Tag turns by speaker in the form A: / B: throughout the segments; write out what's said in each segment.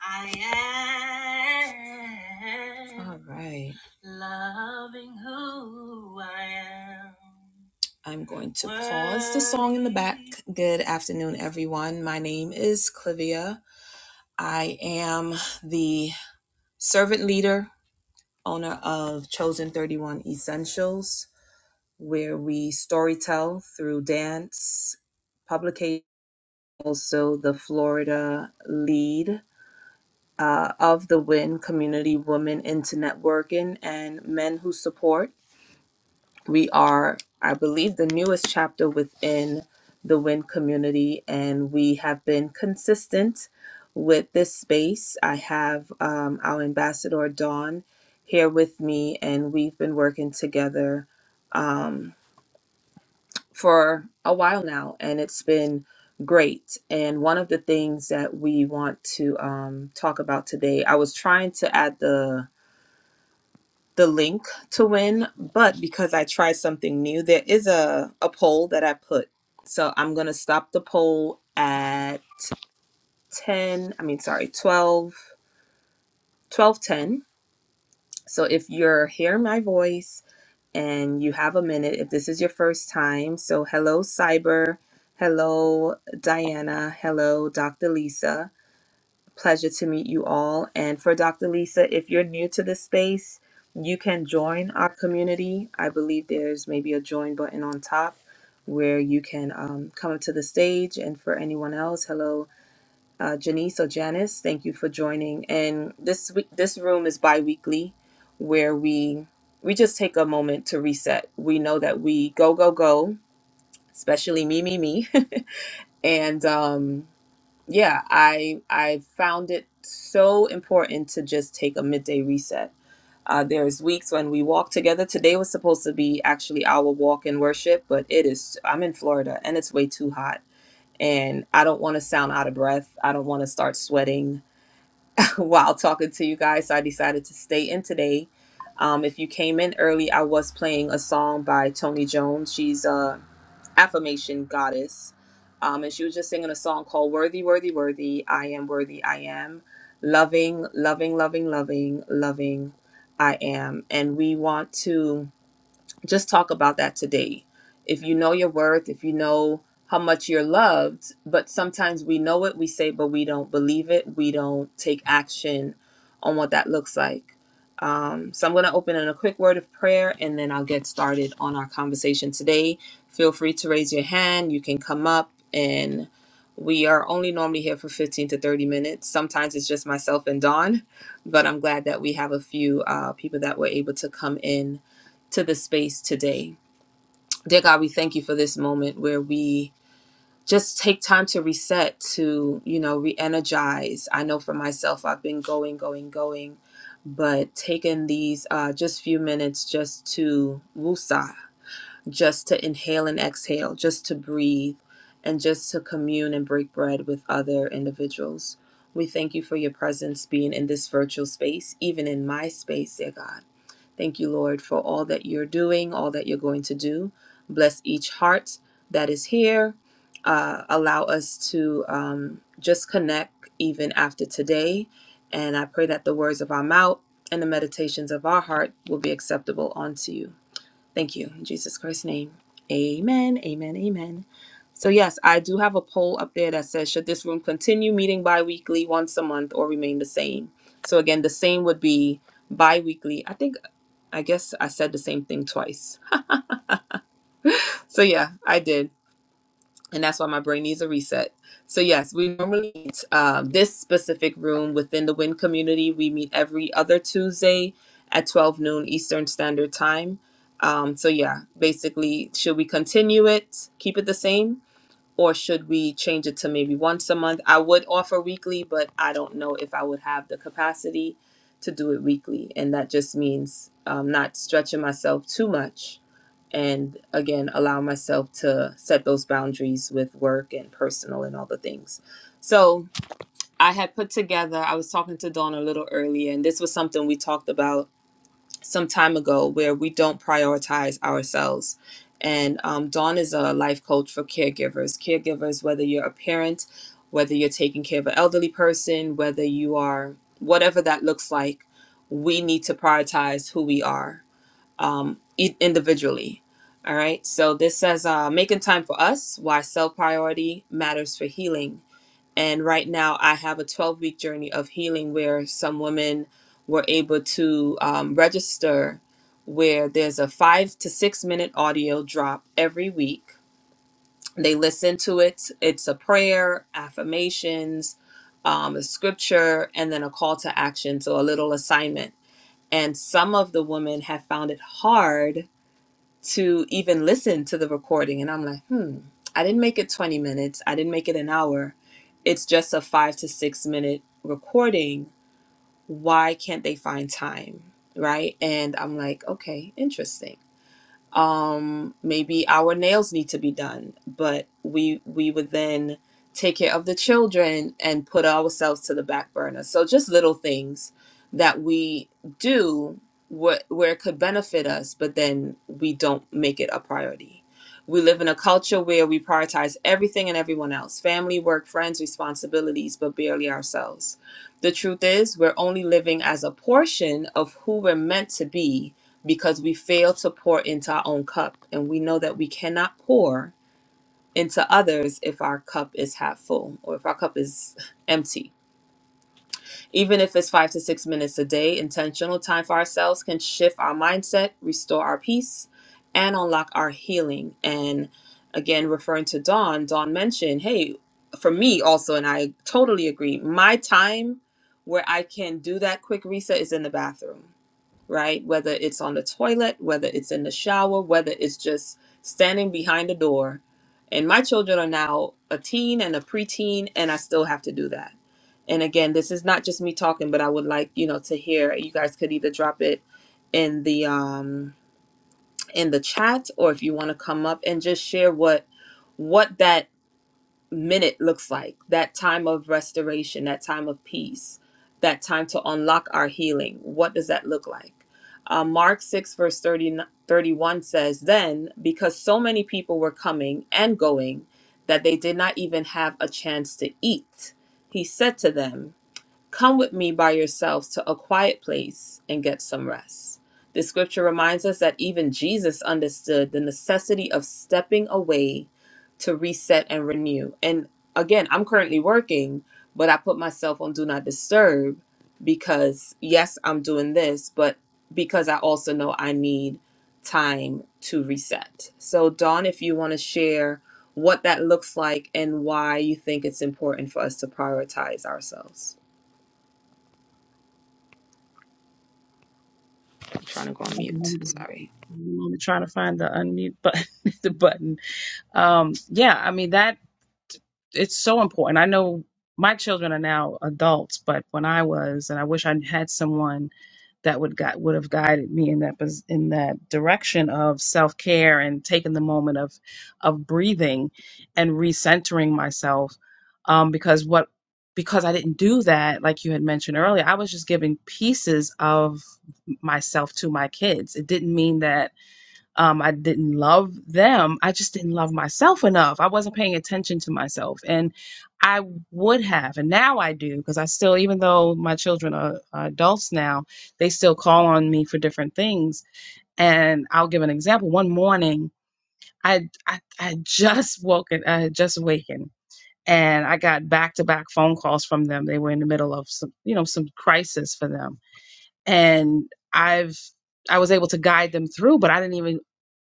A: I am. All right. I'm going to pause the song in the back. Good afternoon, everyone. My name is Clivia. I am the servant leader, owner of Chosen 31 Essentials, where we storytell through dance, publication, also the Florida lead uh, of the WIN Community Women into Networking and Men Who Support We are, I believe, the newest chapter within the WIN community, and we have been consistent with this space. I have um, our ambassador, Dawn, here with me, and we've been working together um, for a while now, and it's been great. And one of the things that we want to um, talk about today, I was trying to add the the link to win, but because I tried something new, there is a, a poll that I put. So I'm gonna stop the poll at 10, I mean sorry, 12, 12, 10. So if you're hearing my voice and you have a minute, if this is your first time, so hello Cyber, hello Diana, hello Dr. Lisa. pleasure to meet you all. And for Dr. Lisa, if you're new to this space, you can join our community. I believe there's maybe a join button on top where you can um, come up to the stage. And for anyone else, hello, uh, Janice or Janice, thank you for joining. And this week, this room is bi-weekly where we we just take a moment to reset. We know that we go go go, especially me me me, and um, yeah i i found it so important to just take a midday reset uh, there's weeks when we walk together today was supposed to be actually our walk in worship but it is i'm in florida and it's way too hot and i don't want to sound out of breath i don't want to start sweating while talking to you guys so i decided to stay in today um, if you came in early i was playing a song by tony jones she's uh, affirmation goddess. Um, and she was just singing a song called Worthy, Worthy, Worthy, I Am Worthy, I Am. Loving, loving, loving, loving, loving, I am. And we want to just talk about that today. If you know your worth, if you know how much you're loved, but sometimes we know it, we say, but we don't believe it, we don't take action on what that looks like. Um, so I'm going to open in a quick word of prayer and then I'll get started on our conversation today. Feel free to raise your hand. You can come up and we are only normally here for 15 to 30 minutes. Sometimes it's just myself and Dawn, but I'm glad that we have a few uh, people that were able to come in to the space today. Dear God, we thank you for this moment where we just take time to reset, to, you know, re energize. I know for myself, I've been going, going, going, but taking these uh, just few minutes just to wusa, just to inhale and exhale, just to breathe, and just to commune and break bread with other individuals. We thank you for your presence being in this virtual space, even in my space, dear God. Thank you, Lord, for all that you're doing, all that you're going to do. Bless each heart that is here. Uh, allow us to um, just connect even after today. And I pray that the words of our mouth and the meditations of our heart will be acceptable unto you. Thank you. In Jesus Christ's name. Amen. Amen. Amen. So, yes, I do have a poll up there that says, should this room continue meeting bi weekly once a month or remain the same? So, again, the same would be bi weekly. I think I guess I said the same thing twice. So yeah, I did. And that's why my brain needs a reset. So yes, we normally meet um, this specific room within the WIN community. We meet every other Tuesday at 12 noon Eastern Standard Time. Um, so yeah, basically, should we continue it, keep it the same? or should we change it to maybe once a month? I would offer weekly, but I don't know if I would have the capacity to do it weekly. And that just means um, not stretching myself too much. And again, allow myself to set those boundaries with work and personal and all the things. So I had put together, I was talking to Dawn a little earlier, and this was something we talked about some time ago where we don't prioritize ourselves. And um, Dawn is a life coach for caregivers. Caregivers, whether you're a parent, whether you're taking care of an elderly person, whether you are whatever that looks like, we need to prioritize who we are um, e- individually. All right. So this says uh, making time for us, why self priority matters for healing and right now, I have a 12 week journey of healing where some women were able to um, register, where there's a five to six minute audio drop every week. They listen to it, it's a prayer, affirmations, um, a scripture, and then a call to action. So a little assignment. And some of the women have found it hard to even listen to the recording. And I'm like, hmm, I didn't make it 20 minutes. I didn't make it an hour. It's just a five to six minute recording. Why can't they find time? Right. And I'm like, okay, interesting um maybe our nails need to be done but we we would then take care of the children and put ourselves to the back burner so just little things that we do what where it could benefit us but then we don't make it a priority we live in a culture where we prioritize everything and everyone else family work friends responsibilities but barely ourselves the truth is we're only living as a portion of who we're meant to be because we fail to pour into our own cup. And we know that we cannot pour into others if our cup is half full or if our cup is empty. Even if it's five to six minutes a day, intentional time for ourselves can shift our mindset, restore our peace, and unlock our healing. And again, referring to Dawn, Dawn mentioned, hey, for me also, and I totally agree, my time where I can do that quick reset is in the bathroom right? Whether it's on the toilet, whether it's in the shower, whether it's just standing behind the door. And my children are now a teen and a preteen, and I still have to do that. And again, this is not just me talking, but I would like you know to hear. You guys could either drop it in the um in the chat, or if you want to come up and just share what what that minute looks like that time of restoration, that time of peace, that time to unlock our healing. What does that look like? Uh, Mark 6, verse 30 31 says, Then, because so many people were coming and going that they did not even have a chance to eat, he said to them, Come with me by yourselves to a quiet place and get some rest. The scripture reminds us that even Jesus understood the necessity of stepping away to reset and renew. And again, I'm currently working, but I put myself on do not disturb because, yes, I'm doing this, but because I also know I need time to reset. So, Dawn, if you want to share what that looks like and why you think it's important for us to prioritize ourselves. I'm trying to go on mute. Sorry.
B: I'm trying to find the unmute button, the button. Um, yeah, I mean that it's so important. I know my children are now adults, but when I was, and I wish I had someone that would got would have guided me in that pos- in that direction of self care and taking the moment of of breathing and recentering myself, um, because what because I didn't do that, like you had mentioned earlier, I was just giving pieces of myself to my kids. It didn't mean that um, I didn't love them. I just didn't love myself enough. I wasn't paying attention to myself. And I would have, and now I do, because I still, even though my children are, are adults now, they still call on me for different things. And I'll give an example. One morning, I, I, I had just woken, I had just awakened. And I got back to back phone calls from them. They were in the middle of some, you know, some crisis for them. And I've, I was able to guide them through, but I didn't even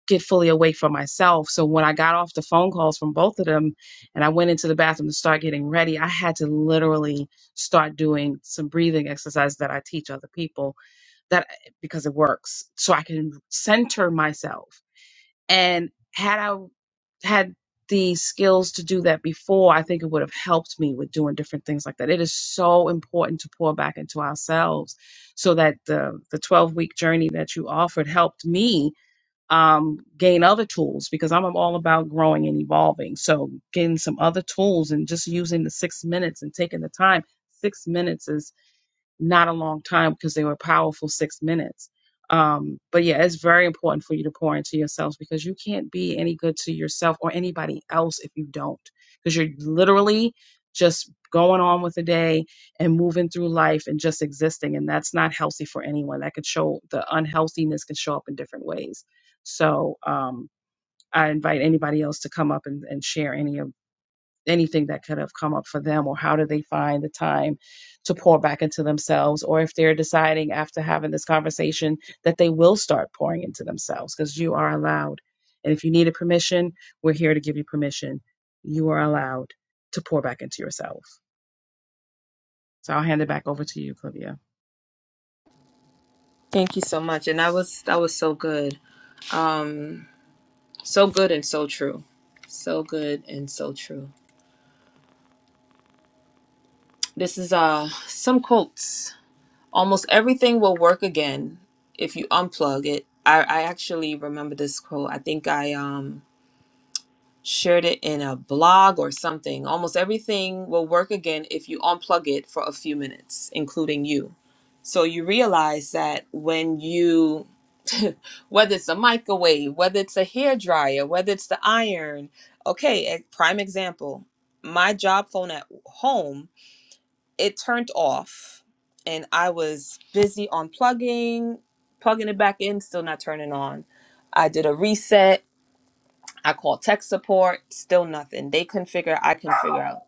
B: get fully awake for myself. So when I got off the phone calls from both of them and I went into the bathroom to start getting ready, I had to literally start doing some breathing exercises that I teach other people that because it works. So I can center myself. And had I had the skills to do that before, I think it would have helped me with doing different things like that. It is so important to pour back into ourselves so that the the 12 week journey that you offered helped me um, gain other tools because I'm all about growing and evolving. So getting some other tools and just using the six minutes and taking the time. Six minutes not a long time because they were powerful six minutes. Um, but yeah, it's very important for you to pour into yourselves because you can't be any good to yourself or anybody else if you don't, because you're literally just going on with the day and moving through life and just existing. And that's not healthy for anyone. That could show the unhealthiness can show up in different ways. So, um, I invite anybody else to come up and, and share any of anything that could have come up for them or how do they find the time to pour back into themselves or if they're deciding after having this conversation that they will start pouring into themselves because you are allowed and if you needed permission we're here to give you permission you are allowed to pour back into yourself so i'll hand it back over to you clivia
A: Thank you so much. And that was that was so good. Um so good and so true. So good and so true. This is uh some quotes. Almost everything will work again if you unplug it. I, I actually remember this quote. I think I um shared it in a blog or something. Almost everything will work again if you unplug it for a few minutes, including you. So you realize that when you, whether it's a microwave, whether it's a hair dryer, whether it's the iron, okay, a prime example, my job phone at home, it turned off and I was busy unplugging, plugging it back in, still not turning on. I did a reset I call tech support, still nothing. They couldn't figure I couldn't figure out.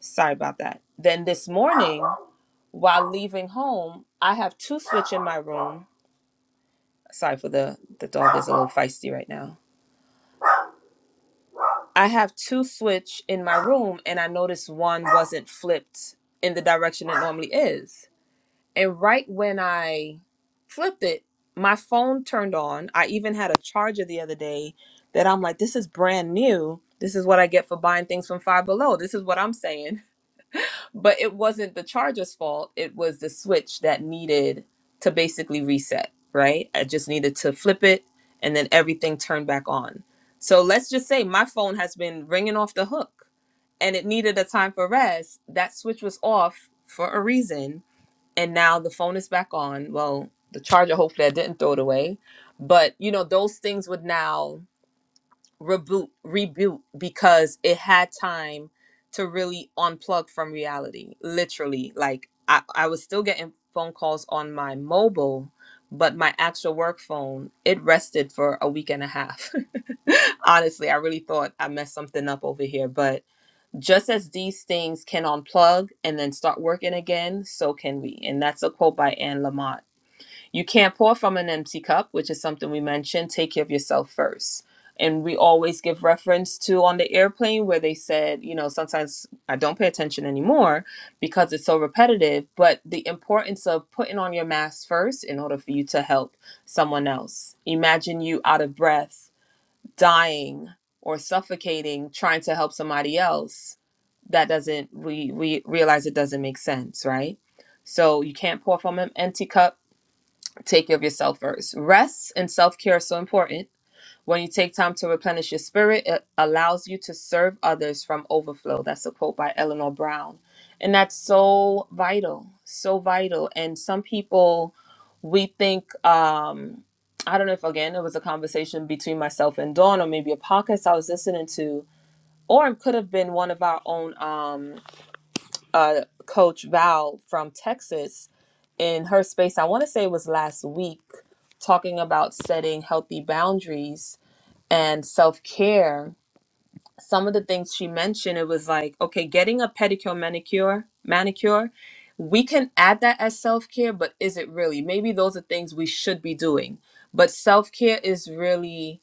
A: Sorry about that. Then this morning, while leaving home, I have two switch in my room. Sorry for the the dog is a little feisty right now. I have two switch in my room and I noticed one wasn't flipped in the direction it normally is. And right when I flipped it, my phone turned on. I even had a charger the other day that I'm like, this is brand new. This is what I get for buying things from Five Below. This is what I'm saying. But it wasn't the charger's fault. It was the switch that needed to basically reset, right? I just needed to flip it and then everything turned back on. So let's just say my phone has been ringing off the hook and it needed a time for rest. That switch was off for a reason and now the phone is back on. Well, the charger, hopefully, I didn't throw it away, but you know, those things would now reboot, reboot because it had time to really unplug from reality. Literally, like I, I was still getting phone calls on my mobile, but my actual work phone it rested for a week and a half. Honestly, I really thought I messed something up over here, but just as these things can unplug and then start working again, so can we. And that's a quote by Anne Lamott. You can't pour from an empty cup, which is something we mentioned. Take care of yourself first. And we always give reference to on the airplane where they said, you know, sometimes I don't pay attention anymore because it's so repetitive, but the importance of putting on your mask first in order for you to help someone else. Imagine you out of breath dying or suffocating trying to help somebody else that doesn't we we realize it doesn't make sense right so you can't pour from an empty cup take care of yourself first rest and self-care are so important when you take time to replenish your spirit, it allows you to serve others from overflow. That's a quote by Eleanor Brown. And that's so vital, so vital. And some people, we think, um, I don't know if again it was a conversation between myself and Dawn, or maybe a podcast I was listening to, or it could have been one of our own um, uh, coach Val from Texas in her space. I want to say it was last week, talking about setting healthy boundaries and self care, some of the things she mentioned, it was like, okay, getting a pedicure, manicure, manicure, we can add that as self care, but is it really? Maybe those are things we should be doing. But self care is really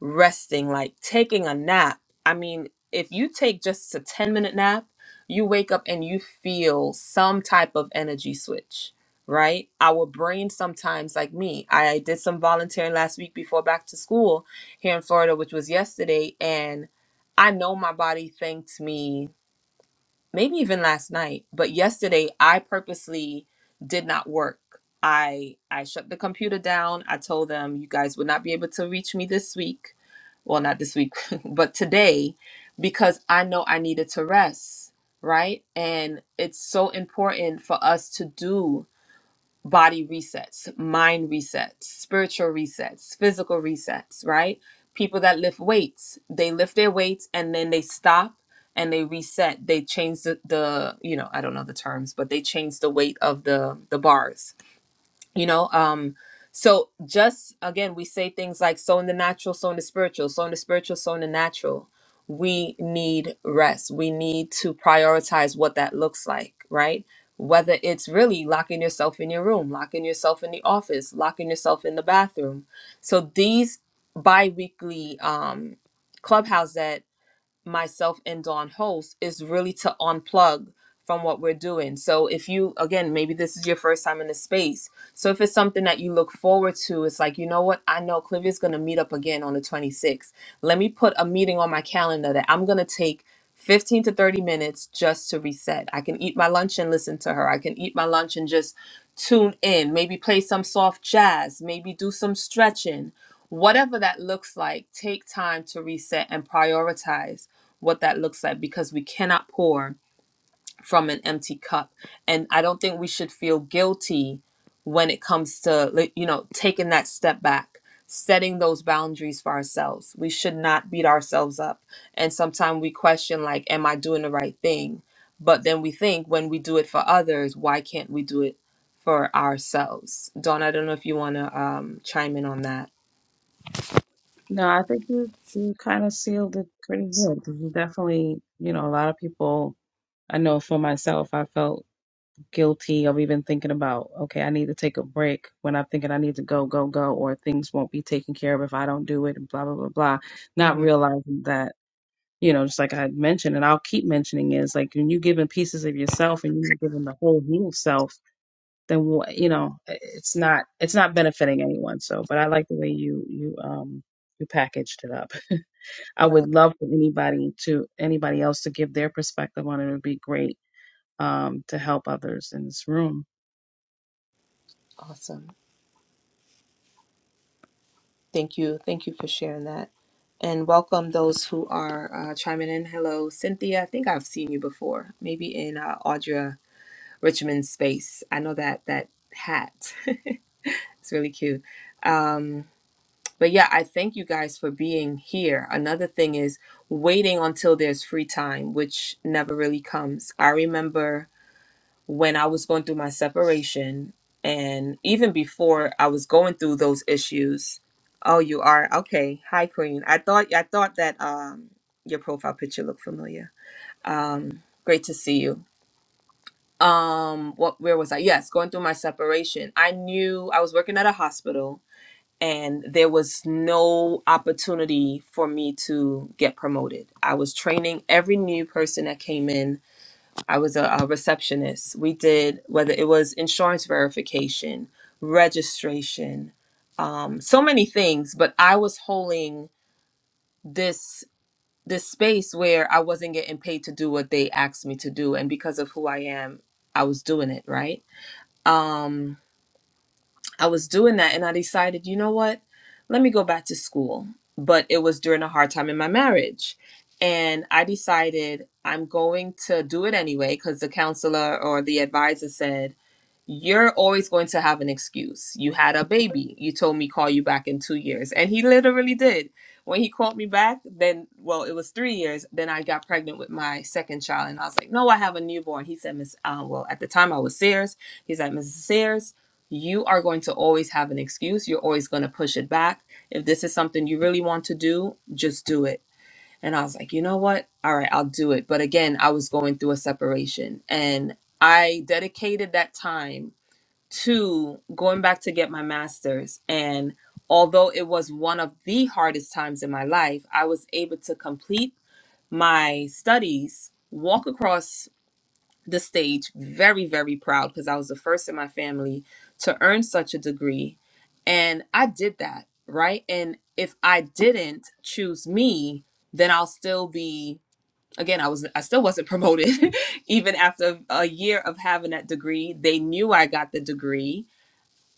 A: resting, like taking a nap. I mean, if you take just a 10 minute nap, you wake up and you feel some type of energy switch, right? Our brain sometimes, like me, I did some volunteering last week before back to school here in Florida, which was yesterday, and I know my body thanked me maybe even last night, but yesterday I purposely did not work. I I shut the computer down. I told them you guys would not be able to reach me this week. Well, not this week, but today because I know I needed to rest, right? And it's so important for us to do body resets, mind resets, spiritual resets, physical resets, right? People that lift weights, they lift their weights and then they stop and they reset. They change the, the you know, I don't know the terms, but they change the weight of the the bars you know um so just again we say things like so in the natural so in the spiritual so in the spiritual so in the natural we need rest we need to prioritize what that looks like right whether it's really locking yourself in your room locking yourself in the office locking yourself in the bathroom so these bi-weekly um clubhouse myself and Dawn host is really to unplug from what we're doing. So if you again, maybe this is your first time in the space. So if it's something that you look forward to, it's like, you know what? I know Clivia's gonna meet up again on the 26th. Let me put a meeting on my calendar that I'm gonna take 15 to 30 minutes just to reset. I can eat my lunch and listen to her. I can eat my lunch and just tune in, maybe play some soft jazz, maybe do some stretching. Whatever that looks like, take time to reset and prioritize what that looks like because we cannot pour from an empty cup. And I don't think we should feel guilty when it comes to, like, you know, taking that step back, setting those boundaries for ourselves. We should not beat ourselves up. And sometimes we question, like, am I doing the right thing? But then we think when we do it for others, why can't we do it for ourselves? Dawn, I don't know if you want to um, chime in on that.
B: no i think you you kind of sealed it pretty good you definitely you know a lot of people i know for myself i felt guilty of even thinking about, okay, I need to take a break when I'm thinking I need to go, go, go, or things won't be taken care of if I don't do it, and blah, blah, blah, blah. Not
A: hmm
B: realizing that, you know, just like I had mentioned, and I'll keep mentioning is like when you're giving pieces of yourself and you're giving the whole new self, then what, you know, it's not, it's not benefiting anyone. So, but I like the way you, you, um, you packaged it up. I would
A: Right.
B: love for anybody to, anybody else to give their perspective on it. It would be great um, to help others in this room.
A: Awesome. Thank you. Thank you for sharing that. And welcome those who are uh, chiming in. Hello, Cynthia. I think I've seen you before, maybe in uh, Audra Richmond's space. I know that that hat. It's really cute. Um, but yeah, I thank you guys for being here. Another thing is waiting until there's free time, which never really comes. I remember when I was going through my separation and even before I was going through those issues. Oh, you are okay. Hi, Queen. I thought I thought that um your profile picture looked familiar. Um, great to see you. Um, what where was I? Yes, going through my separation. I knew I was working at a hospital and there was no opportunity for me to get promoted. I was training every new person that came in I was a, a receptionist. We did whether it was insurance verification, registration, um, so many things. But I was holding this this space where I wasn't getting paid to do what they asked me to do, and because of who I am, I was doing it right. Um, I was doing that and I decided, you know what? Let me go back to school. But it was during a hard time in my marriage. And I decided I'm going to do it anyway because the counselor or the advisor said, You're always going to have an excuse. You had a baby. You told me call you back in two years. And he literally did. When he called me back, then, well, it was three years. Then I got pregnant with my second child. And I was like, No, I have a newborn. He said, Miss, uh, well, at the time I was Sears. He's like, Mrs. Sears you are going to always have an excuse. You're always going to push it back. If this is something you really want to do, just do it. And I was like, you know what? All right, I'll do it. But again, I was going through a separation and I dedicated that time to going back to get my master's. And although it was one of the hardest times in my life, I was able to complete my studies, walk across the stage very very proud because i was the first in my family to earn such a degree and i did that right and if i didn't choose me then i'll still be again i was i still wasn't promoted even after a year of having that degree they knew i got the degree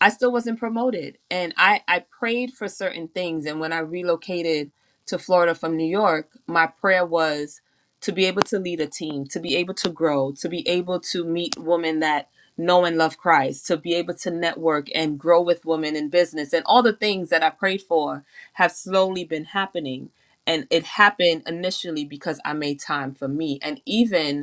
A: I still wasn't promoted. And I, I prayed for certain things. And when I relocated to Florida from New York, my prayer was to be able to lead a team, to be able to grow, to be able to meet women that know and love Christ, to be able to network and grow with women in business. And all the things that I prayed for have slowly been happening. And it happened initially because I made time for me. And even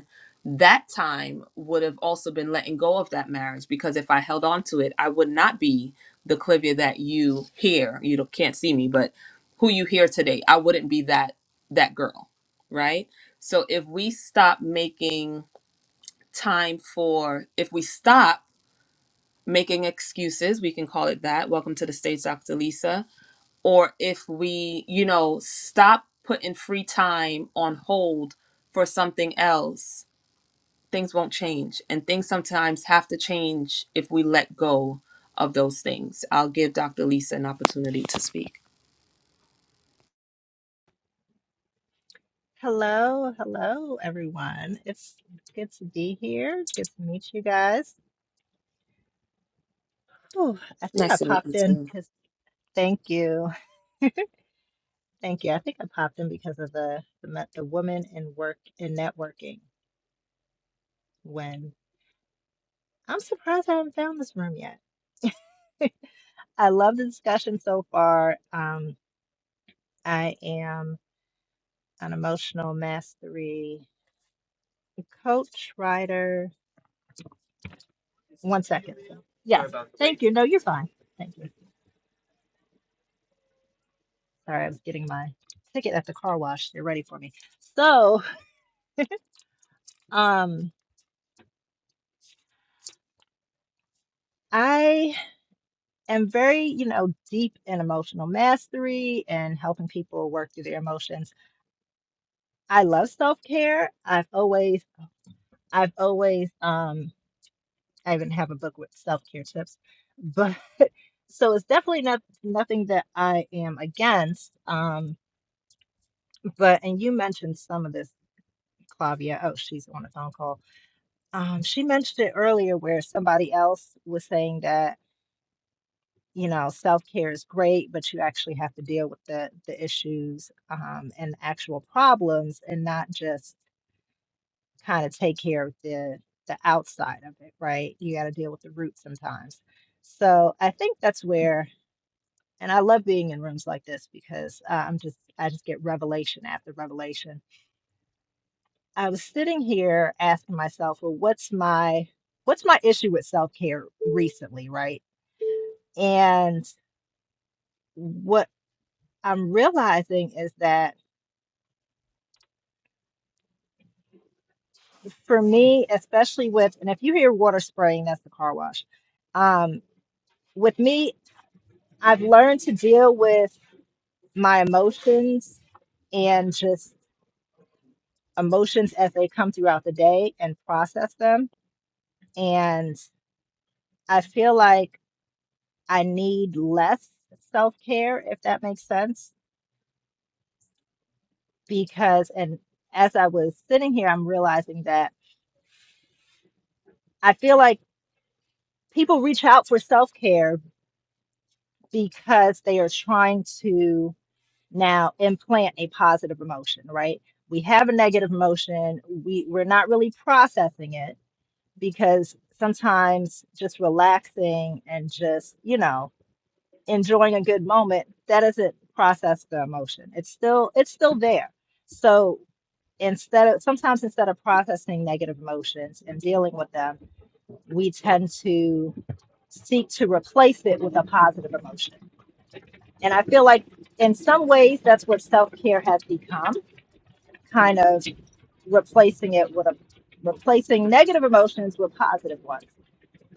A: that time would have also been letting go of that marriage because if I held on to it, I would not be the Clivia that you hear. You don't, can't see me, but who you hear today, I wouldn't be that that girl, right? So if we stop making time for, if we stop making excuses, we can call it that. Welcome to the stage, Dr. Lisa. Or if we, you know, stop putting free time on hold for something else things won't change and things sometimes have to change if we let go of those things i'll give dr lisa an opportunity to speak
C: Hello, hello, everyone. It's it's good to be here. It's good to meet you guys. Oh, I think I
A: Nice to meet
C: popped
A: you
C: in
A: too.
C: because thank you, thank you. I think I popped in because of the the, me- the woman in work in networking. When I'm surprised I haven't found this room yet. I love the discussion so far. Um, I am an emotional mastery coach, writer. One second. Yeah. Thank you. No, you're fine. Thank you. Sorry, I'm getting my ticket at the car wash. They're ready for me. So, um, I am very, you know, deep in emotional mastery and helping people work through their emotions. I love self-care. I've always, I've always, um, I even have a book with self-care tips. But so it's definitely not nothing that I am against. Um, but and you mentioned some of this, Clavia. Oh, she's on a phone call Um, she mentioned it earlier where somebody else was saying that, you know, self-care is great, but you actually have to deal with the the issues um, and actual problems and not just kind of take care of the the outside of it, right? You got to deal with the root sometimes. So I think that's where, and I love being in rooms like this because uh, I'm just I just get revelation after revelation. I was sitting here asking myself, well, what's my what's my issue with self-care recently, right? And what I'm realizing is that for me, especially with, and if you hear water spraying, that's the car wash. Um, with me, I've learned to deal with my emotions and just emotions as they come throughout the day and process them. And I feel like I need less self care, if that makes sense. Because, and as I was sitting here, I'm realizing that I feel like people reach out for self care because they are trying to now implant a positive emotion, right? We have a negative emotion, we, we're not really processing it because sometimes just relaxing and just, you know, enjoying a good moment, that doesn't process the emotion. It's still it's still there. So instead of sometimes instead of processing negative emotions and dealing with them, we tend to seek to replace it with a positive emotion and I feel like in some ways that's what self care has become, kind of replacing it with a replacing negative emotions with positive ones.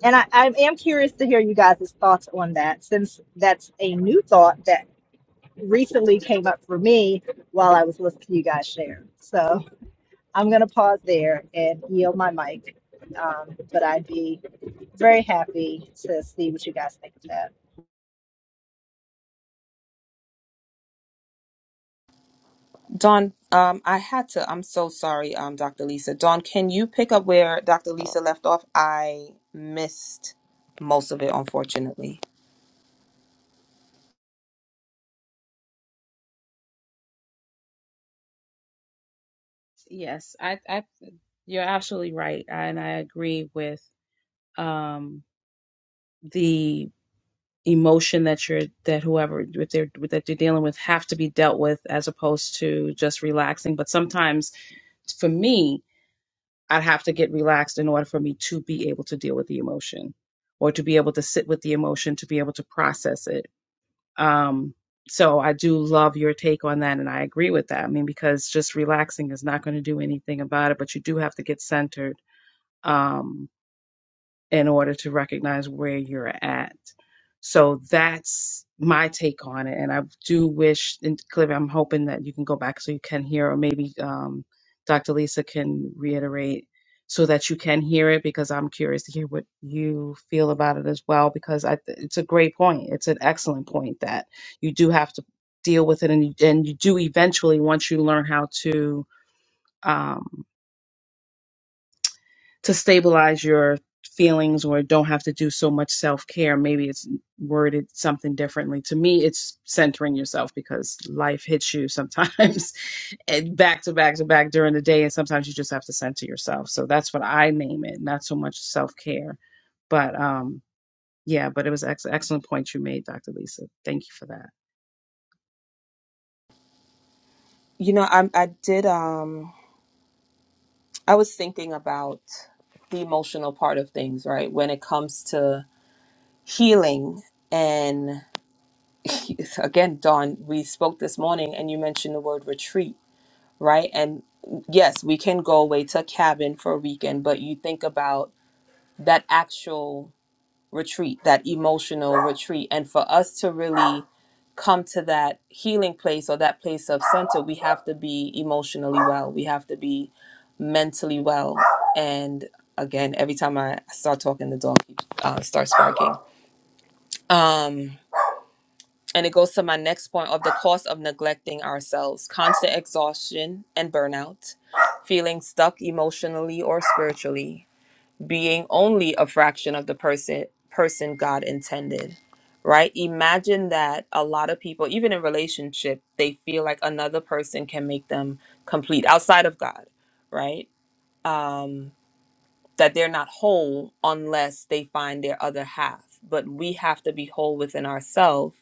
C: And I, I am curious to hear you guys' thoughts on that, since that's a new thought that recently came up for me while I was listening to you guys share. So I'm going to pause there and yield my mic. Um, but I'd be very happy to see what you guys think of that.
A: Dawn, um, I had to, I'm so sorry, um, Dr. Lisa. Dawn, can you pick up where Dr. Lisa left off? I missed most of it, unfortunately.
B: Yes, I, I, you're absolutely right, and I agree with um the emotion that you're that whoever that they're that you're dealing with have to be dealt with as opposed to just relaxing. But sometimes, for me, I'd have to get relaxed in order for me to be able to deal with the emotion, or to be able to sit with the emotion to be able to process it. Um, so I do love your take on that, and I agree with that. I mean, because just relaxing is not going to do anything about it, but you do have to get centered um, in order to recognize where you're at. So that's my take on it. And I do wish, and Cliff, I'm hoping that you can go back so you can hear, or maybe um, Dr. Lisa can reiterate so that you can hear it because I'm curious to hear what you feel about it as well. Because I, it's a great point. It's an excellent point that you do have to deal with it and you, and you do eventually once you learn how to. Um, to stabilize your feelings or don't have to do so much self care. Maybe it's worded something differently. To me, it's centering yourself because life hits you sometimes and back to back to back during the day. And sometimes you just have to center yourself. So that's what I name it, not so much self care. But um, yeah, but it was ex- excellent point you made, Dr. Lisa. Thank you for that.
A: You know, I, I did, um, I was thinking about the emotional part of things, right? When it comes to healing and again, Don, we spoke this morning and you mentioned the word retreat, right? And yes, we can go away to a cabin for a weekend, but you think about that actual retreat, that emotional retreat. And for us to really come to that healing place or that place of center, we have to be emotionally well, we have to be mentally well. And again, every time I start talking, the dog uh, starts barking. Um, And it goes to my next point of the cost of neglecting ourselves, constant exhaustion and burnout, feeling stuck emotionally or spiritually, being only a fraction of the person person God intended. Right? Imagine that a lot of people, even in relationship, they feel like another person can make them complete outside of God, right? Um that they're not whole unless they find their other half. But we have to be whole within ourselves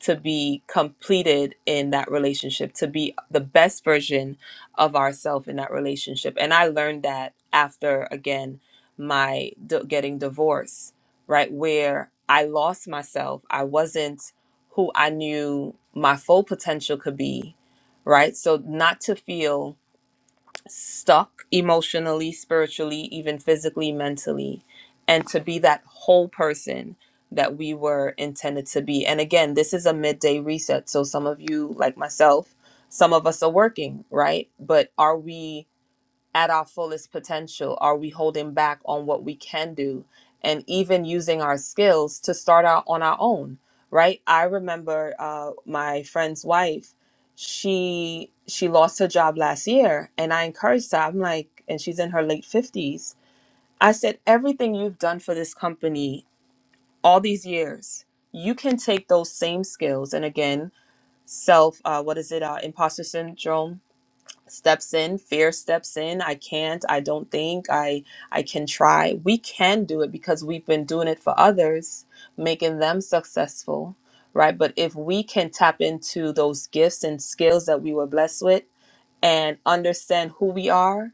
A: to be completed in that relationship, to be the best version of ourselves in that relationship. And I learned that after, again, my d- getting divorced, right? Where I lost myself. I wasn't who I knew my full potential could be, right? So, not to feel stuck emotionally, spiritually, even physically, mentally, and to be that whole person that we were intended to be. And again, this is a midday reset. So some of you, like myself, some of us are working, right? But are we? at our fullest potential? Are we holding back on what we can do and even using our skills to start out on our own? Right? I remember uh, my friend's wife. She she lost her job last year, and I encouraged her. I'm like, and she's in her late fifties. I said, everything you've done for this company all these years, you can take those same skills. And again, self, uh, what is it? Uh, imposter syndrome steps in fear steps in i can't i don't think i i can try we can do it because we've been doing it for others making them successful right but if we can tap into those gifts and skills that we were blessed with and understand who we are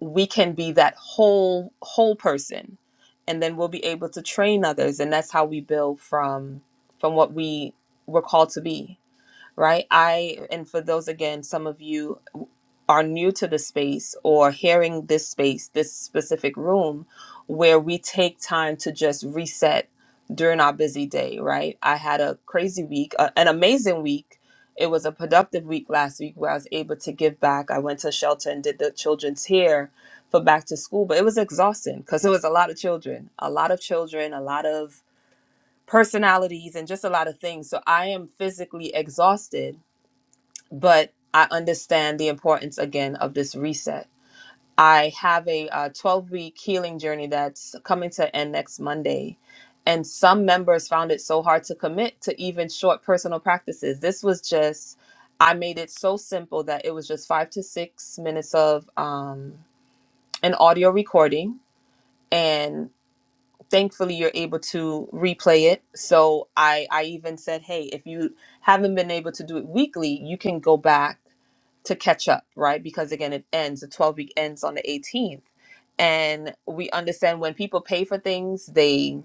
A: we can be that whole whole person and then we'll be able to train others and that's how we build from from what we were called to be right i and for those again some of you are new to the space or hearing this space, this specific room, where we take time to just reset during our busy day, right? I had a crazy week, a, an amazing week. It was a productive week last week where I was able to give back. I went to shelter and did the children's hair for back to school, but it was exhausting because it was a lot of children, a lot of children, a lot of personalities, and just a lot of things. So I am physically exhausted but I understand the importance again of this reset. I have a uh, 12 week healing journey that's coming to end next Monday. And some members found it so hard to commit to even short personal practices. This was just, I made it so simple that it was just five to six minutes of um, an audio recording. and thankfully you're able to replay it so i i even said hey if you haven't been able to do it weekly you can go back to catch up right because again it ends the 12 week ends on the 18th and we understand when people pay for things they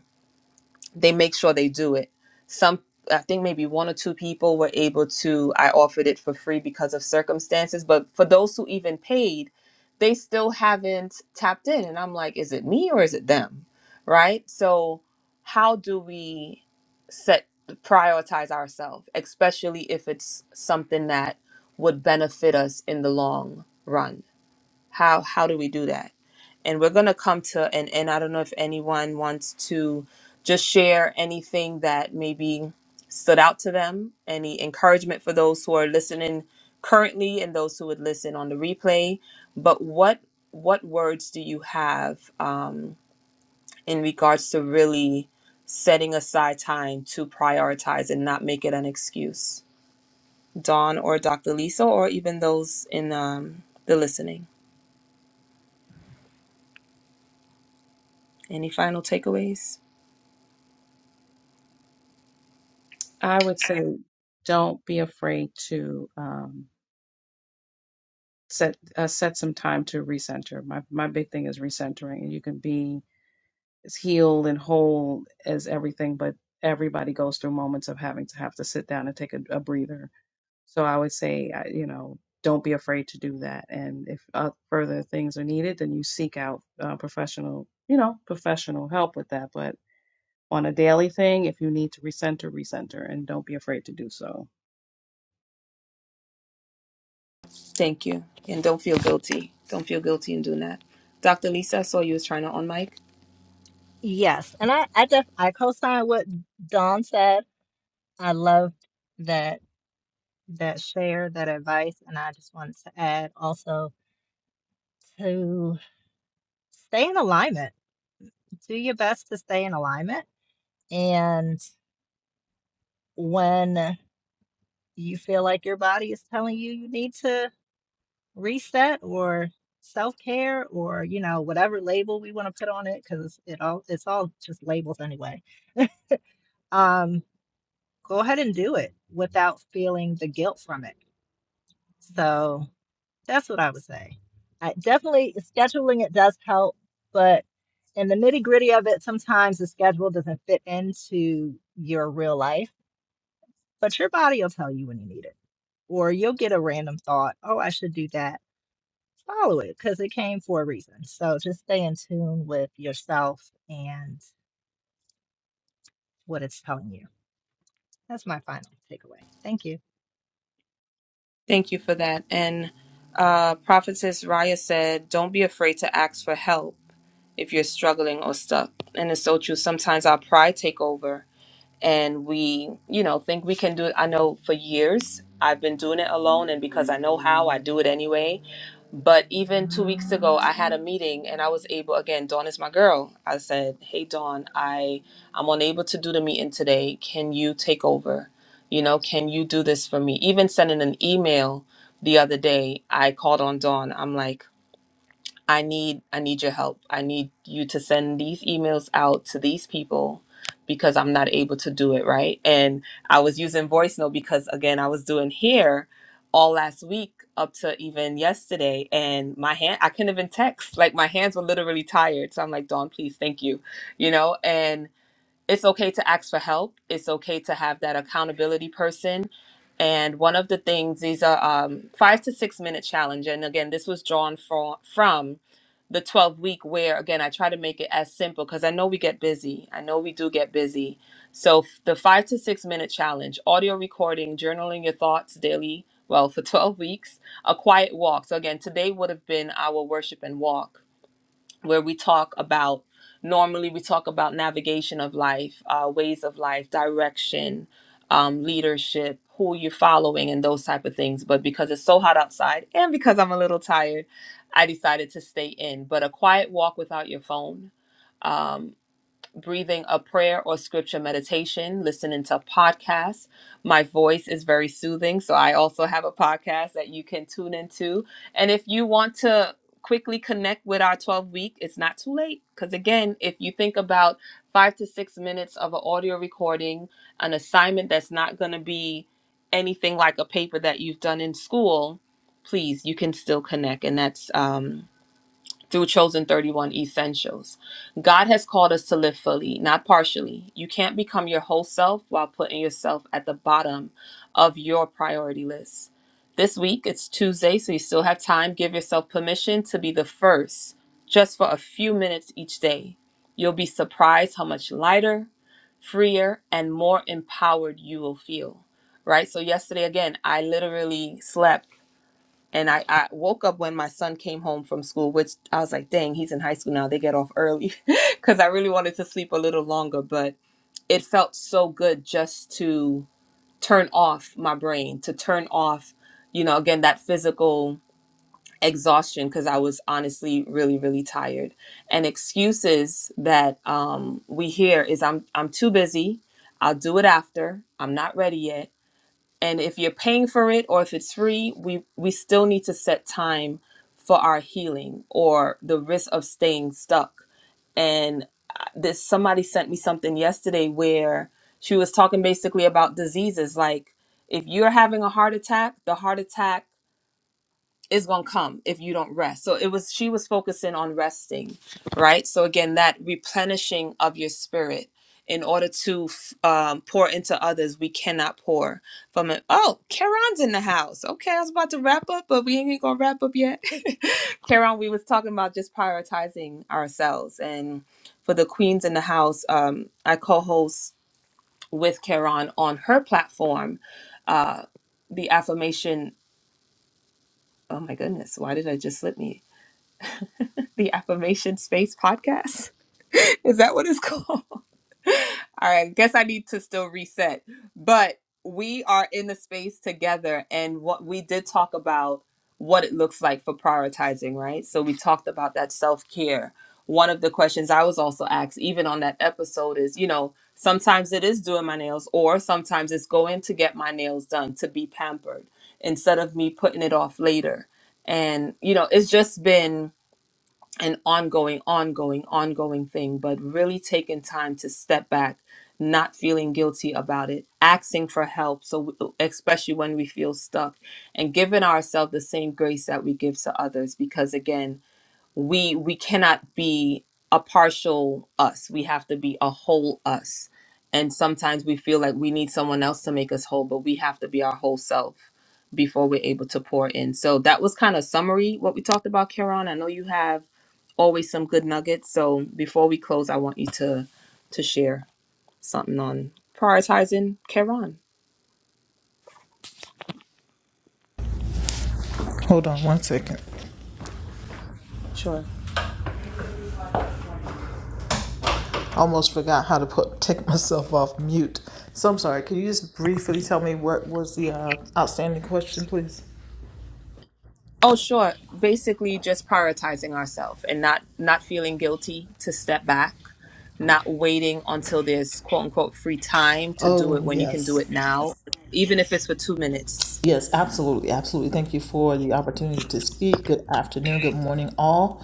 A: they make sure they do it. Some, I think maybe one or two people were able to, I offered it for free because of circumstances. But for those who even paid, they still haven't tapped in. And I'm like, is it me or is it them? Right. So, how do we set, prioritize ourselves, especially if it's something that would benefit us in the long run? How, how do we do that? and we're going to come to an end. I don't know if anyone wants to just share anything that maybe stood out to them, any encouragement for those who are listening currently and those who would listen on the replay. But what what words do you have um, in regards to really setting aside time to prioritize and not make it an excuse? Dawn or Dr. Lisa or even those in um, the listening. Any final takeaways?
B: I would say don't be afraid to. Um, set uh, set some time to recenter. My my big thing is recentering, and you can be as healed and whole as everything, but everybody goes through moments of having to have to sit down and take a, a breather. So I would say, I- you know, don't be afraid to do that, and if uh, further things are needed, then you seek out uh, professional, you know, professional help with that. But on a daily thing, if you need to recenter, recenter, and don't be afraid to do so.
A: Thank you. And don't feel guilty. Don't feel guilty in doing that. Dr. Lisa, I saw you was trying to on mic.
C: Yes, and I I, def- I co-sign what Don said. I loved that that share, that advice, and I just wanted to add also to stay in alignment. Do your best to stay in alignment. And when you feel like your body is telling you you need to reset or self-care or you know whatever label we want to put on it because it all it's all just labels anyway um go ahead and do it without feeling the guilt from it so That's what I would say. I definitely scheduling it does help, but in the nitty gritty of it, sometimes the schedule doesn't fit into your real life. But your body will tell you when you need it, or you'll get a random thought, "Oh, I should do that." Follow it because it came for a reason. So just stay in tune with yourself and what it's telling you. That's my final takeaway. Thank you.
A: Thank you for that. And uh, Prophetess Raya said, don't be afraid to ask for help if you're struggling or stuck. And it's so true. Sometimes our pride take over and we you know think we can do it i know for years i've been doing it alone and because i know how i do it anyway but even two weeks ago i had a meeting and i was able again dawn is my girl i said hey dawn i i'm unable to do the meeting today can you take over you know can you do this for me even sending an email the other day i called on dawn i'm like I need I need your help. I need you to send these emails out to these people because I'm not able to do it, right? And I was using voice note because again, I was doing here all last week up to even yesterday and my hand I couldn't even text. Like my hands were literally tired. So I'm like, "Dawn, please, thank you." You know, and it's okay to ask for help. It's okay to have that accountability person. And one of the things, these are um, five to six minute challenge. And again, this was drawn from, from the 12 week where, again, I try to make it as simple because I know we get busy. I know we do get busy. So f- the five to six minute challenge, audio recording, journaling your thoughts daily, well, for 12 weeks, a quiet walk. So again, today would have been our worship and walk where we talk about normally we talk about navigation of life uh, ways of life direction um, leadership who you're following and those type of things but because it's so hot outside and because i'm a little tired i decided to stay in but a quiet walk without your phone um, breathing a prayer or scripture meditation, listening to podcasts. My voice is very soothing, so I also have a podcast that you can tune into. And if you want to quickly connect with our 12 week, it's not too late. Because again, if you think about five to six minutes of an audio recording, an assignment that's not going to be anything like a paper that you've done in school, please, you can still connect. And that's um, through Chosen 31 Essentials. God has called us to live fully, not partially. You can't become your whole self while putting yourself at the bottom of your priority list. This week, it's Tuesday, so you still have time. Give yourself permission to be the first just for a few minutes each day. You'll be surprised how much lighter, freer, and more empowered you will feel. Right? So, yesterday, again, I literally slept and I, I woke up when my son came home from school which i was like dang he's in high school now they get off early because i really wanted to sleep a little longer but it felt so good just to turn off my brain to turn off you know again that physical exhaustion because i was honestly really really tired and excuses that um, we hear is i'm i'm too busy i'll do it after i'm not ready yet and if you're paying for it or if it's free we we still need to set time for our healing or the risk of staying stuck and uh, this somebody sent me something yesterday where she was talking basically about diseases like if you're having a heart attack the heart attack is going to come if you don't rest. So it was she was focusing on resting, right? So again, that replenishing of your spirit in order to um, pour into others, we cannot pour from it. Oh, Karon's in the house. Okay, I was about to wrap up, but we ain't gonna wrap up yet. Karon, we was talking about just prioritizing ourselves, and for the queens in the house, um, I co-host with Karon on her platform, uh, the affirmation. Oh my goodness, why did I just slip me? the affirmation space podcast is that what it's called all right I guess i need to still reset but we are in the space together and what we did talk about what it looks like for prioritizing right so we talked about that self-care one of the questions i was also asked even on that episode is you know sometimes it is doing my nails or sometimes it's going to get my nails done to be pampered instead of me putting it off later and you know it's just been an ongoing, ongoing, ongoing thing, but really taking time to step back, not feeling guilty about it, asking for help. So, especially when we feel stuck, and giving ourselves the same grace that we give to others, because again, we we cannot be a partial us we have to be a whole us and sometimes we feel like we need someone else to make us whole but we have to be our whole self before we're able to pour in so that was kind of summary what we talked about Karen I know you have always some good nuggets so before we close I want you to to share something on prioritizing Karen
D: Hold on one second.
A: sure
D: I Almost forgot how to put take myself off mute. So I'm sorry. Can you just briefly tell me what was the uh, outstanding question, please?
A: Oh, sure. Basically, just prioritizing ourselves and not not feeling guilty to step back, not waiting until there's quote unquote free time to do
D: Oh
A: it when you can do
D: yes.
A: it now,
D: yes.
A: even if it's for two minutes.
D: Yes, absolutely, absolutely. Thank you for the opportunity to speak. Good afternoon, good morning, all.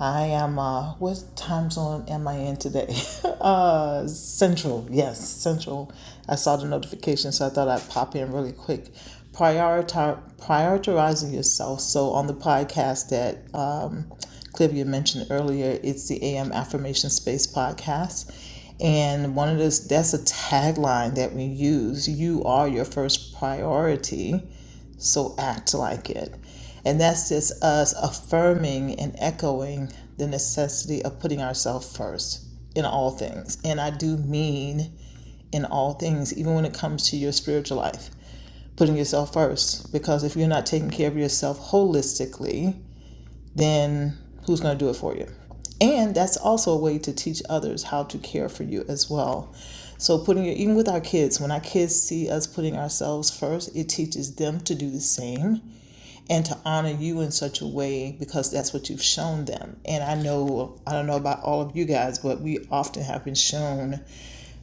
D: I am. Uh, what time zone am I in today? uh, Central. Yes, Central. I saw the notification, so I thought I'd pop in really quick. Prioritize prioritizing yourself. So on the podcast that um, Clivia mentioned earlier, it's the AM Affirmation Space podcast and one of those that's a tagline that we use, you are your first priority, so act like it. And that's just us affirming and echoing the necessity of putting ourselves first in all things. And I do mean in all things, even when it comes to your spiritual life, putting yourself first. Because if you're not taking care of yourself holistically, then who's going to do it for you? And that's also a way to teach others how to care for you as well. So putting it even with our kids, when our kids see us putting ourselves first, it teaches them to do the same and to honor you in such a way because that's what you've shown them. And I know I don't know about all of you guys, but we often have been shown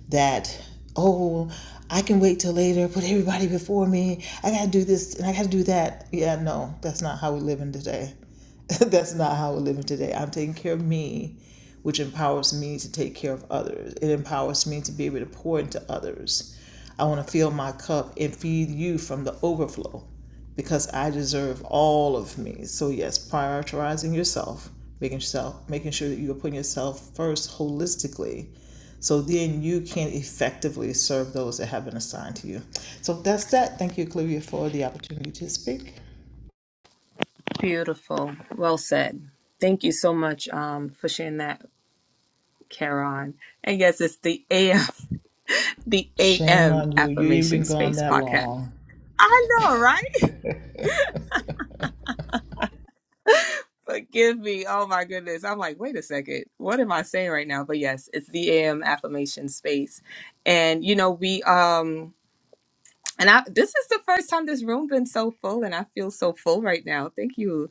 D: that oh i can wait till later put everybody before me i gotta do this and i gotta do that yeah no that's not how we live in today That's not how we're living today. I'm taking care of me, which empowers me to take care of others. It empowers me to be able to pour into others. I want to fill my cup and feed you from the overflow because I deserve all of me. So yes, prioritizing yourself, making yourself making sure that you are putting yourself first holistically. So then you can effectively serve those that have been assigned to you. So that's that. Thank you, Clivia, for the opportunity to speak.
A: Beautiful. Well said. Thank you so much um, for sharing that, Karen. And yes, it's the AM the
D: Shame
A: AM
D: on you. You ain't
A: affirmation
D: been gone
A: space
D: that
A: podcast.
D: long.
A: I know, right? Forgive me. Oh my goodness. I'm like, wait a second. What am I saying right now? But yes, it's the AM affirmation space. And you know, we um and I this is the first time this room been so full and I feel so full right now. Thank you,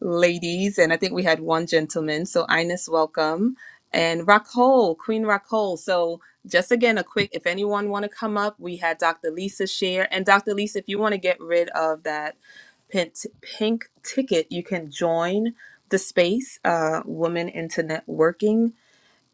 A: ladies. And I think we had one gentleman. So Ines, welcome. And Raquel, Queen Raquel. So just again a quick if anyone want to come up, we had Dr. Lisa share. And Dr. Lisa, if you want to get rid of that pink, ticket, you can join the space, uh, Women into Networking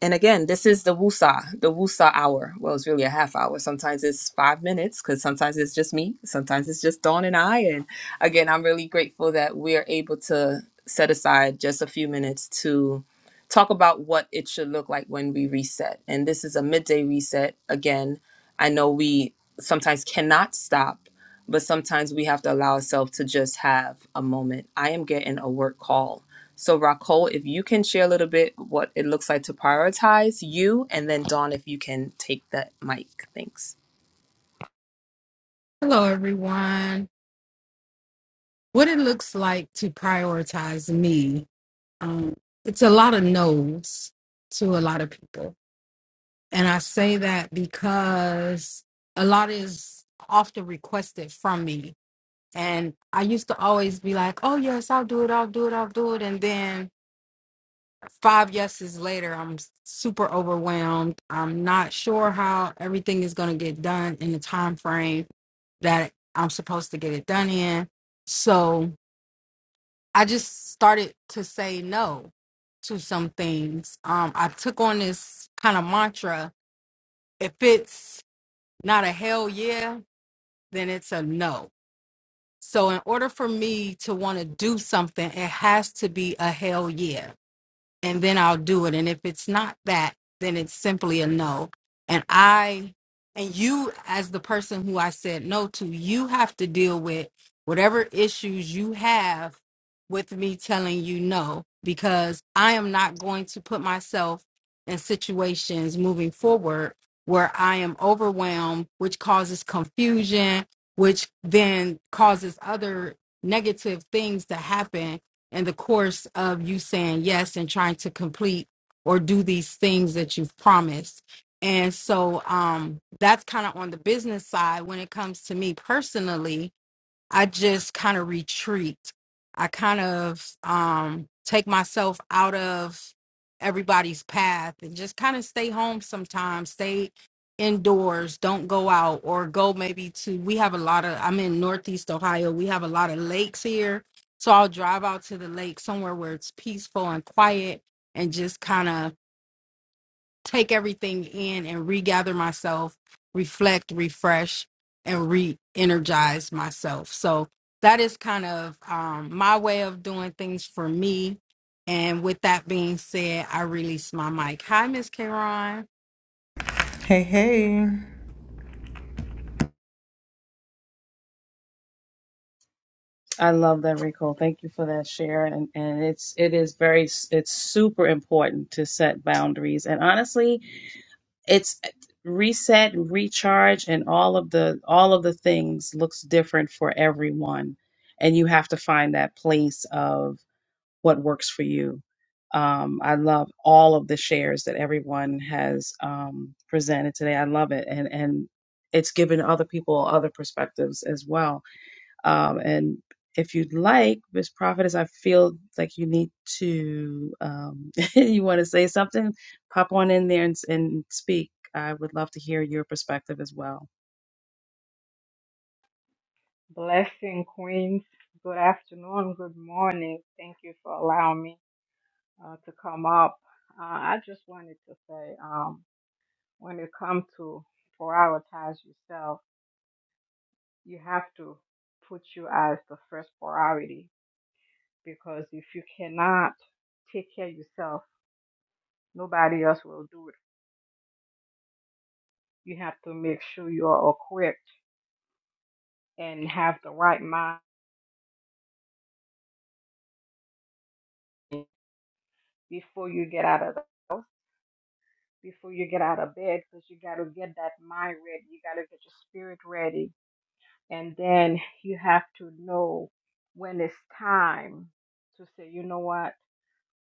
A: and again, this is the Wusa, the Wusa hour. Well, it's really a half hour. Sometimes it's five minutes because sometimes it's just me. Sometimes it's just Dawn and I. And again, I'm really grateful that we're able to set aside just a few minutes to talk about what it should look like when we reset. And this is a midday reset. Again, I know we sometimes cannot stop, but sometimes we have to allow ourselves to just have a moment. I am getting a work call so, Raquel, if you can share a little bit what it looks like to prioritize you, and then Dawn, if you can take the mic. Thanks.
E: Hello, everyone. What it looks like to prioritize me. Um, it's a lot of no's to a lot of people. And I say that because a lot is often requested from me. And I used to always be like, oh, yes, I'll do it, I'll do it, I'll do it. And then five yeses later, I'm super overwhelmed. I'm not sure how everything is going to get done in the time frame that I'm supposed to get it done in. So I just started to say no to some things. Um, I took on this kind of mantra. If it's not a hell yeah, then it's a no. So in order for me to want to do something, it has to be a hell yeah and then I'll do it. And if it's not that, then it's simply a no. And I, and you, as the person who I said no to, you have to deal with whatever issues you have with me telling you no, because I am not going to put myself in situations moving forward where I am overwhelmed, which causes confusion, which then causes other negative things to happen in the course of you saying yes and trying to complete or do these things that you've promised. And so um, that's kind of on the business side. When it comes to me personally, I just kind of retreat. I kind of um, take myself out of everybody's path and just kind of stay home sometimes, stay indoors, don't go out or go maybe to, we have a lot of, I'm in Northeast Ohio, we have a lot of lakes here. So I'll drive out to the lake somewhere where it's peaceful and quiet and just kind of take everything in and regather myself, reflect, refresh, and re energize myself. So that is kind of um, my way of doing things for me. And with that being said, I release my mic. Hi, Miss Karon.
D: Hey, hey.
B: I love that, Rico. Thank you for that share. And and it's it is very it's super important to set boundaries. And honestly, it's reset, recharge, and all of the all of the things looks different for everyone. And you have to find that place of what works for you. Um, I love all of the shares that everyone has um, presented today. I love it, and and it's given other people other perspectives as well um, and if you'd like, Miss Prophetess, I feel like you need to, um, you want to say something, pop on in there and, and speak. I would love to hear your perspective as well.
F: Blessing, Queens. Good afternoon, good morning. Thank you for allowing me uh, to come up. Uh, I just wanted to say um, when it comes to prioritize yourself, you have to put you as the first priority because if you cannot take care of yourself, nobody else will do it. You have to make sure you are equipped and have the right mind before you get out of the house before you get out of bed because you got to get that mind ready. You got to get your spirit ready. And then you have to know when it's time to say, you know what?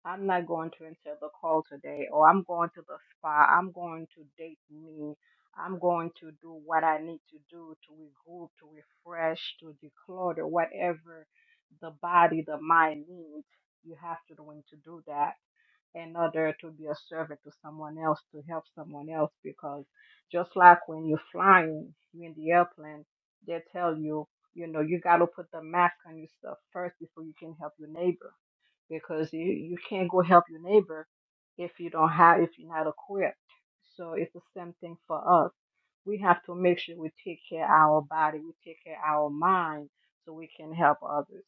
F: I'm not going to answer the call today, or I'm going to the spa, I'm going to date me, I'm going to do what I need to do to regroup, to refresh, to declutter, whatever the body, the mind needs. You have to know when to do that in order to be a servant to someone else, to help someone else. Because just like when you're flying, you're in the airplane, they tell you, you know, you got to put the mask on yourself first before you can help your neighbor because you you can't go help your neighbor if you don't have if you're not equipped. So it's the same thing for us. We have to make sure we take care of our body, we take care of our mind, so we can help others.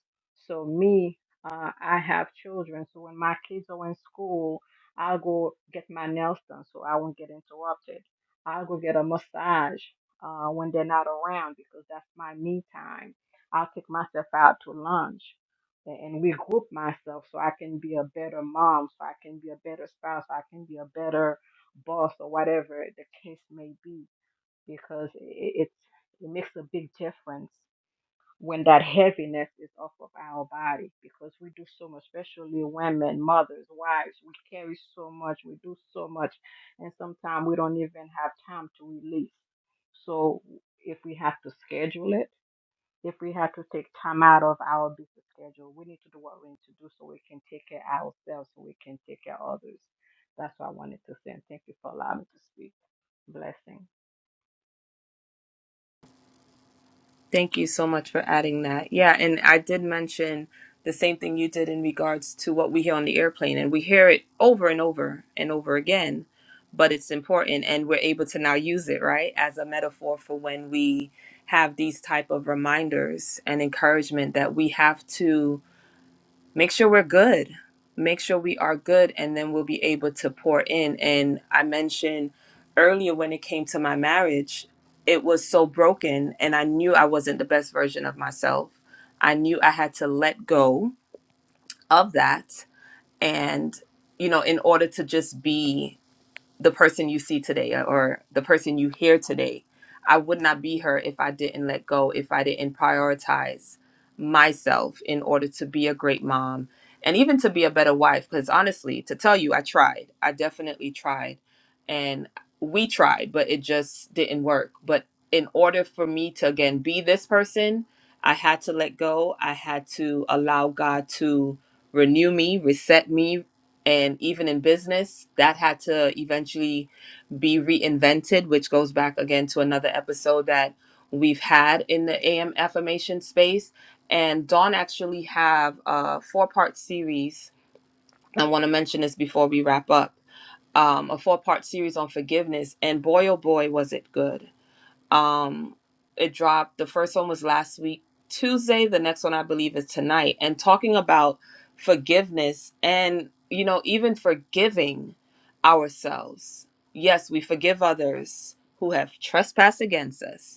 F: So me, uh, I have children, so when my kids are in school, I'll go get my nails done so I won't get interrupted. I'll go get a massage uh, when they're not around because that's my me time. I'll take myself out to lunch and regroup myself so I can be a better mom, so I can be a better spouse, so I can be a better boss or whatever the case may be, because it, it, it makes a big difference when that heaviness is off of our body because we do so much, especially women, mothers, wives, we carry so much, we do so much, and sometimes we don't even have time to release. So if we have to schedule it, if we have to take time out of our busy schedule, we need to do what we need to do so we can take care of ourselves, so we can take care of others. That's what I wanted to say. And thank you for allowing me to speak. Blessing.
A: Thank you so much for adding that. Yeah, and I did mention the same thing you did in regards to what we hear on the airplane, and we hear it over and over and over again, but it's important, and we're able to now use it, right, as a metaphor for when we have these type of reminders and encouragement that we have to make sure we're good make sure we are good and then we'll be able to pour in and i mentioned earlier when it came to my marriage it was so broken and i knew i wasn't the best version of myself i knew i had to let go of that and you know in order to just be the person you see today uh, or the person you hear today. I would not be her if I didn't let go, if I didn't prioritize myself in order to be a great mom and even to be a better wife. Because honestly, to tell you, I tried. I definitely tried. And we tried, but it just didn't work. But in order for me to, again, be this person, I had to let go. I had to allow God to renew me, reset me, and even in business that had to eventually be reinvented which goes back again to another episode that we've had in the am affirmation space and dawn actually have a four part series i want to mention this before we wrap up um, a four part series on forgiveness and boy oh boy was it good um, it dropped. The first one was last week, Tuesday. The next one, I believe, is tonight. And talking about forgiveness and, you know, even forgiving ourselves. Yes, we forgive others who have trespassed against us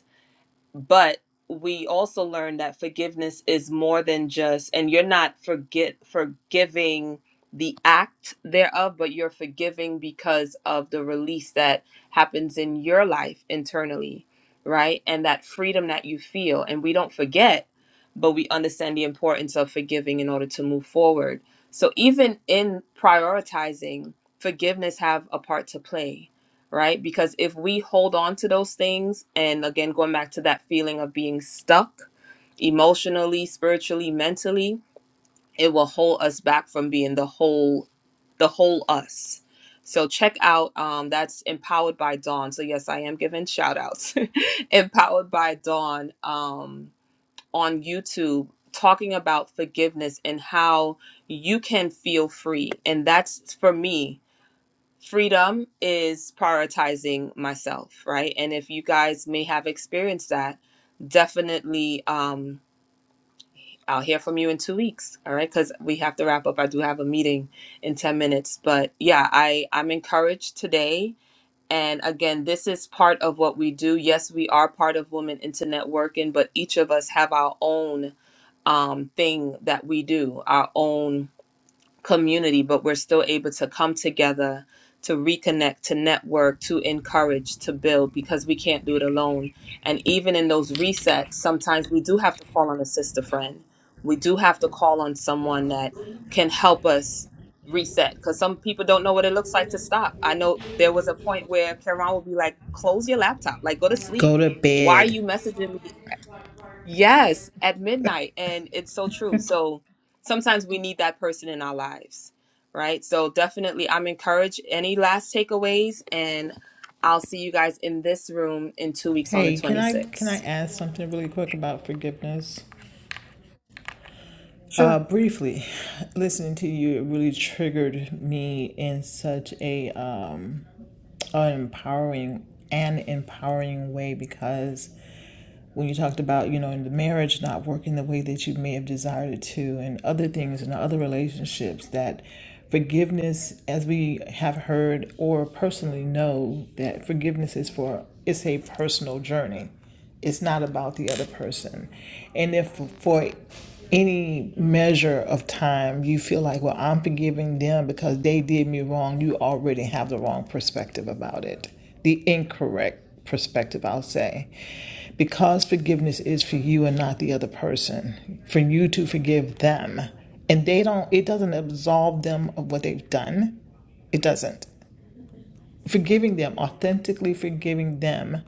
A: but we also learn that forgiveness is more than just and you're not forget forgiving the act thereof but you're forgiving because of the release that happens in your life internally right and that freedom that you feel and we don't forget but we understand the importance of forgiving in order to move forward so even in prioritizing forgiveness have a part to play right? Because if we hold on to those things, and again, going back to that feeling of being stuck emotionally, spiritually, mentally, it will hold us back from being the whole, the whole us. So check out um, that's empowered by Dawn. So yes, I am giving shout outs. empowered by Dawn um, on YouTube talking about forgiveness and how you can feel free. And that's for me freedom is prioritizing myself right and if you guys may have experienced that definitely um i'll hear from you in two weeks all right because we have to wrap up i do have a meeting in 10 minutes but yeah i i'm encouraged today and again this is part of what we do yes we are part of women into networking but each of us have our own um thing that we do our own community, but we're still able to come together, to reconnect, to network, to encourage, to build because we can't do it alone. And even in those resets, sometimes we do have to call on a sister friend. We do have to call on someone that can help us reset because some people don't know what it looks like to stop. I know there was a point where Karen would be like, close your laptop, like go to sleep.
D: Go to
A: Why are you
D: bed.
A: messaging me Yes, at midnight. And it's so true. So sometimes we need that person in our lives, right? So definitely, I'm encouraged. Any last takeaways? And I'll see you guys in this room in two weeks on the
D: Hey, can I can I
A: 26th.
D: ask something really quick about forgiveness? Uh, briefly, listening to you, it really triggered me in such a um, an empowering an empowering way because when you talked about you know in the marriage not working the way that you may have desired it to and other things and other relationships that forgiveness as we have heard or personally know that forgiveness is for it's a personal journey it's not about the other person. And if for any measure of time you feel like, well, I'm forgiving them because they did me wrong, you already have the wrong perspective about it, the incorrect perspective, I'll say. Because forgiveness is for you and not the other person, for you to forgive them. And they don't, it doesn't absolve them of what they've done. It doesn't forgiving them, authentically forgiving them.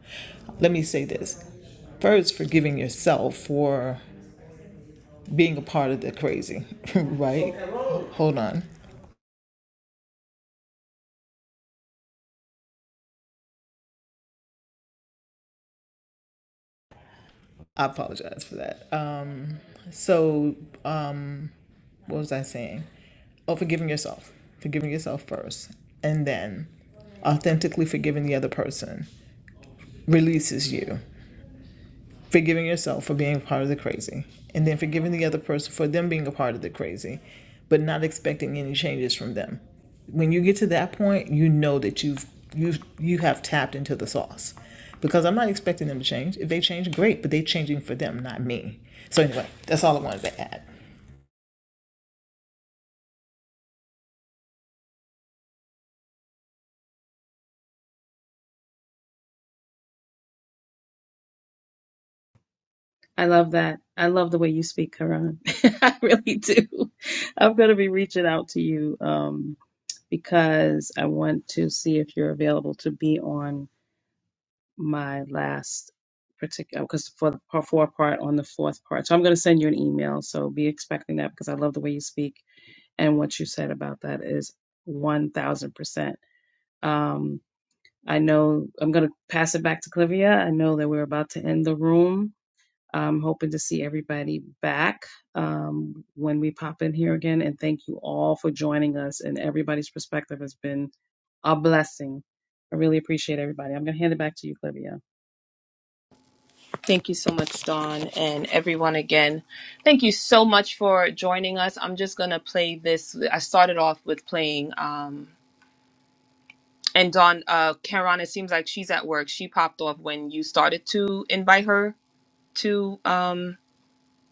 D: Let me say this first, forgiving yourself for being a part of the crazy, right? Hold on. I apologize for that. Um, so, um, what was I saying? Oh, forgiving yourself, forgiving yourself first, and then authentically forgiving the other person releases you. forgiving yourself for being part of the crazy, and then forgiving the other person for them being a part of the crazy, but not expecting any changes from them. When you get to that point, you know that you've you've you have tapped into the sauce. Because I'm not expecting them to change. If they change, great, but they're changing for them, not me. So anyway, that's all I wanted to add.
B: I love that. I love the way you speak, Karan. I really do. I'm going to be reaching out to you um, because I want to see if you're available to be on my last particular because for the part four part on the fourth part. So I'm going to send you an email. So be expecting that because I love the way you speak and what you said about that is one thousand percent. Um, I know I'm going to pass it back to Clivia. I know that we're about to end the room. I'm hoping to see everybody back um, when we pop in here again. And thank you all for joining us. And everybody's perspective has been a blessing. I really appreciate everybody. I'm going to hand it back to you, Clivia.
A: Thank you so much, Dawn, and everyone again. Thank you so much for joining us. I'm just going to play this. I started off with playing. Um, and Dawn, uh, Karen, it seems like she's at work. She popped off when you started to invite her to. Um,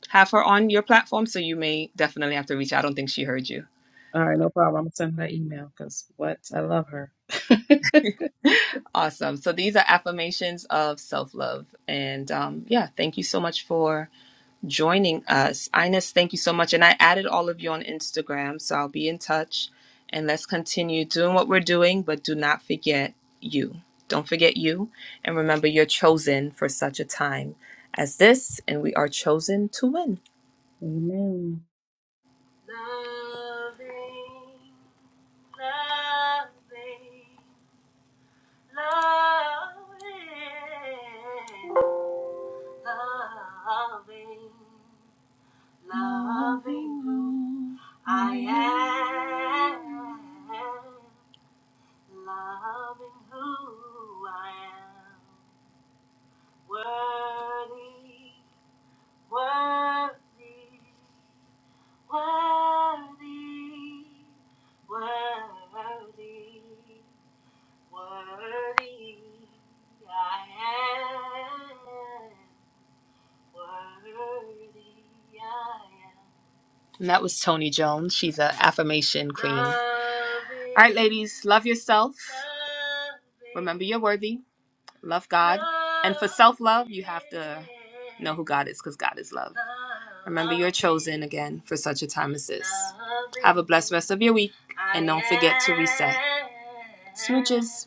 A: have her on your platform. So you may definitely have to reach out. I don't think she heard you.
B: All right, no problem. I'm gonna send her email because what? I love her.
A: Awesome. So these are affirmations of self love. And um, yeah, thank you so much for joining us. Ines, thank you so much. And I added all of you on Instagram. So I'll be in touch. And let's continue doing what we're doing, but do not forget you. Don't forget you. And remember, you're chosen for such a time as this. And we are chosen to win.
B: Amen.
A: And that was Tony Jones. She's an affirmation queen. All right, ladies, love yourself. Remember you're worthy. Love God. And for self love, you have to know who God is because God is love. Remember you're chosen again for such a time as this. Have a blessed rest of your week and don't forget to reset. Smooches.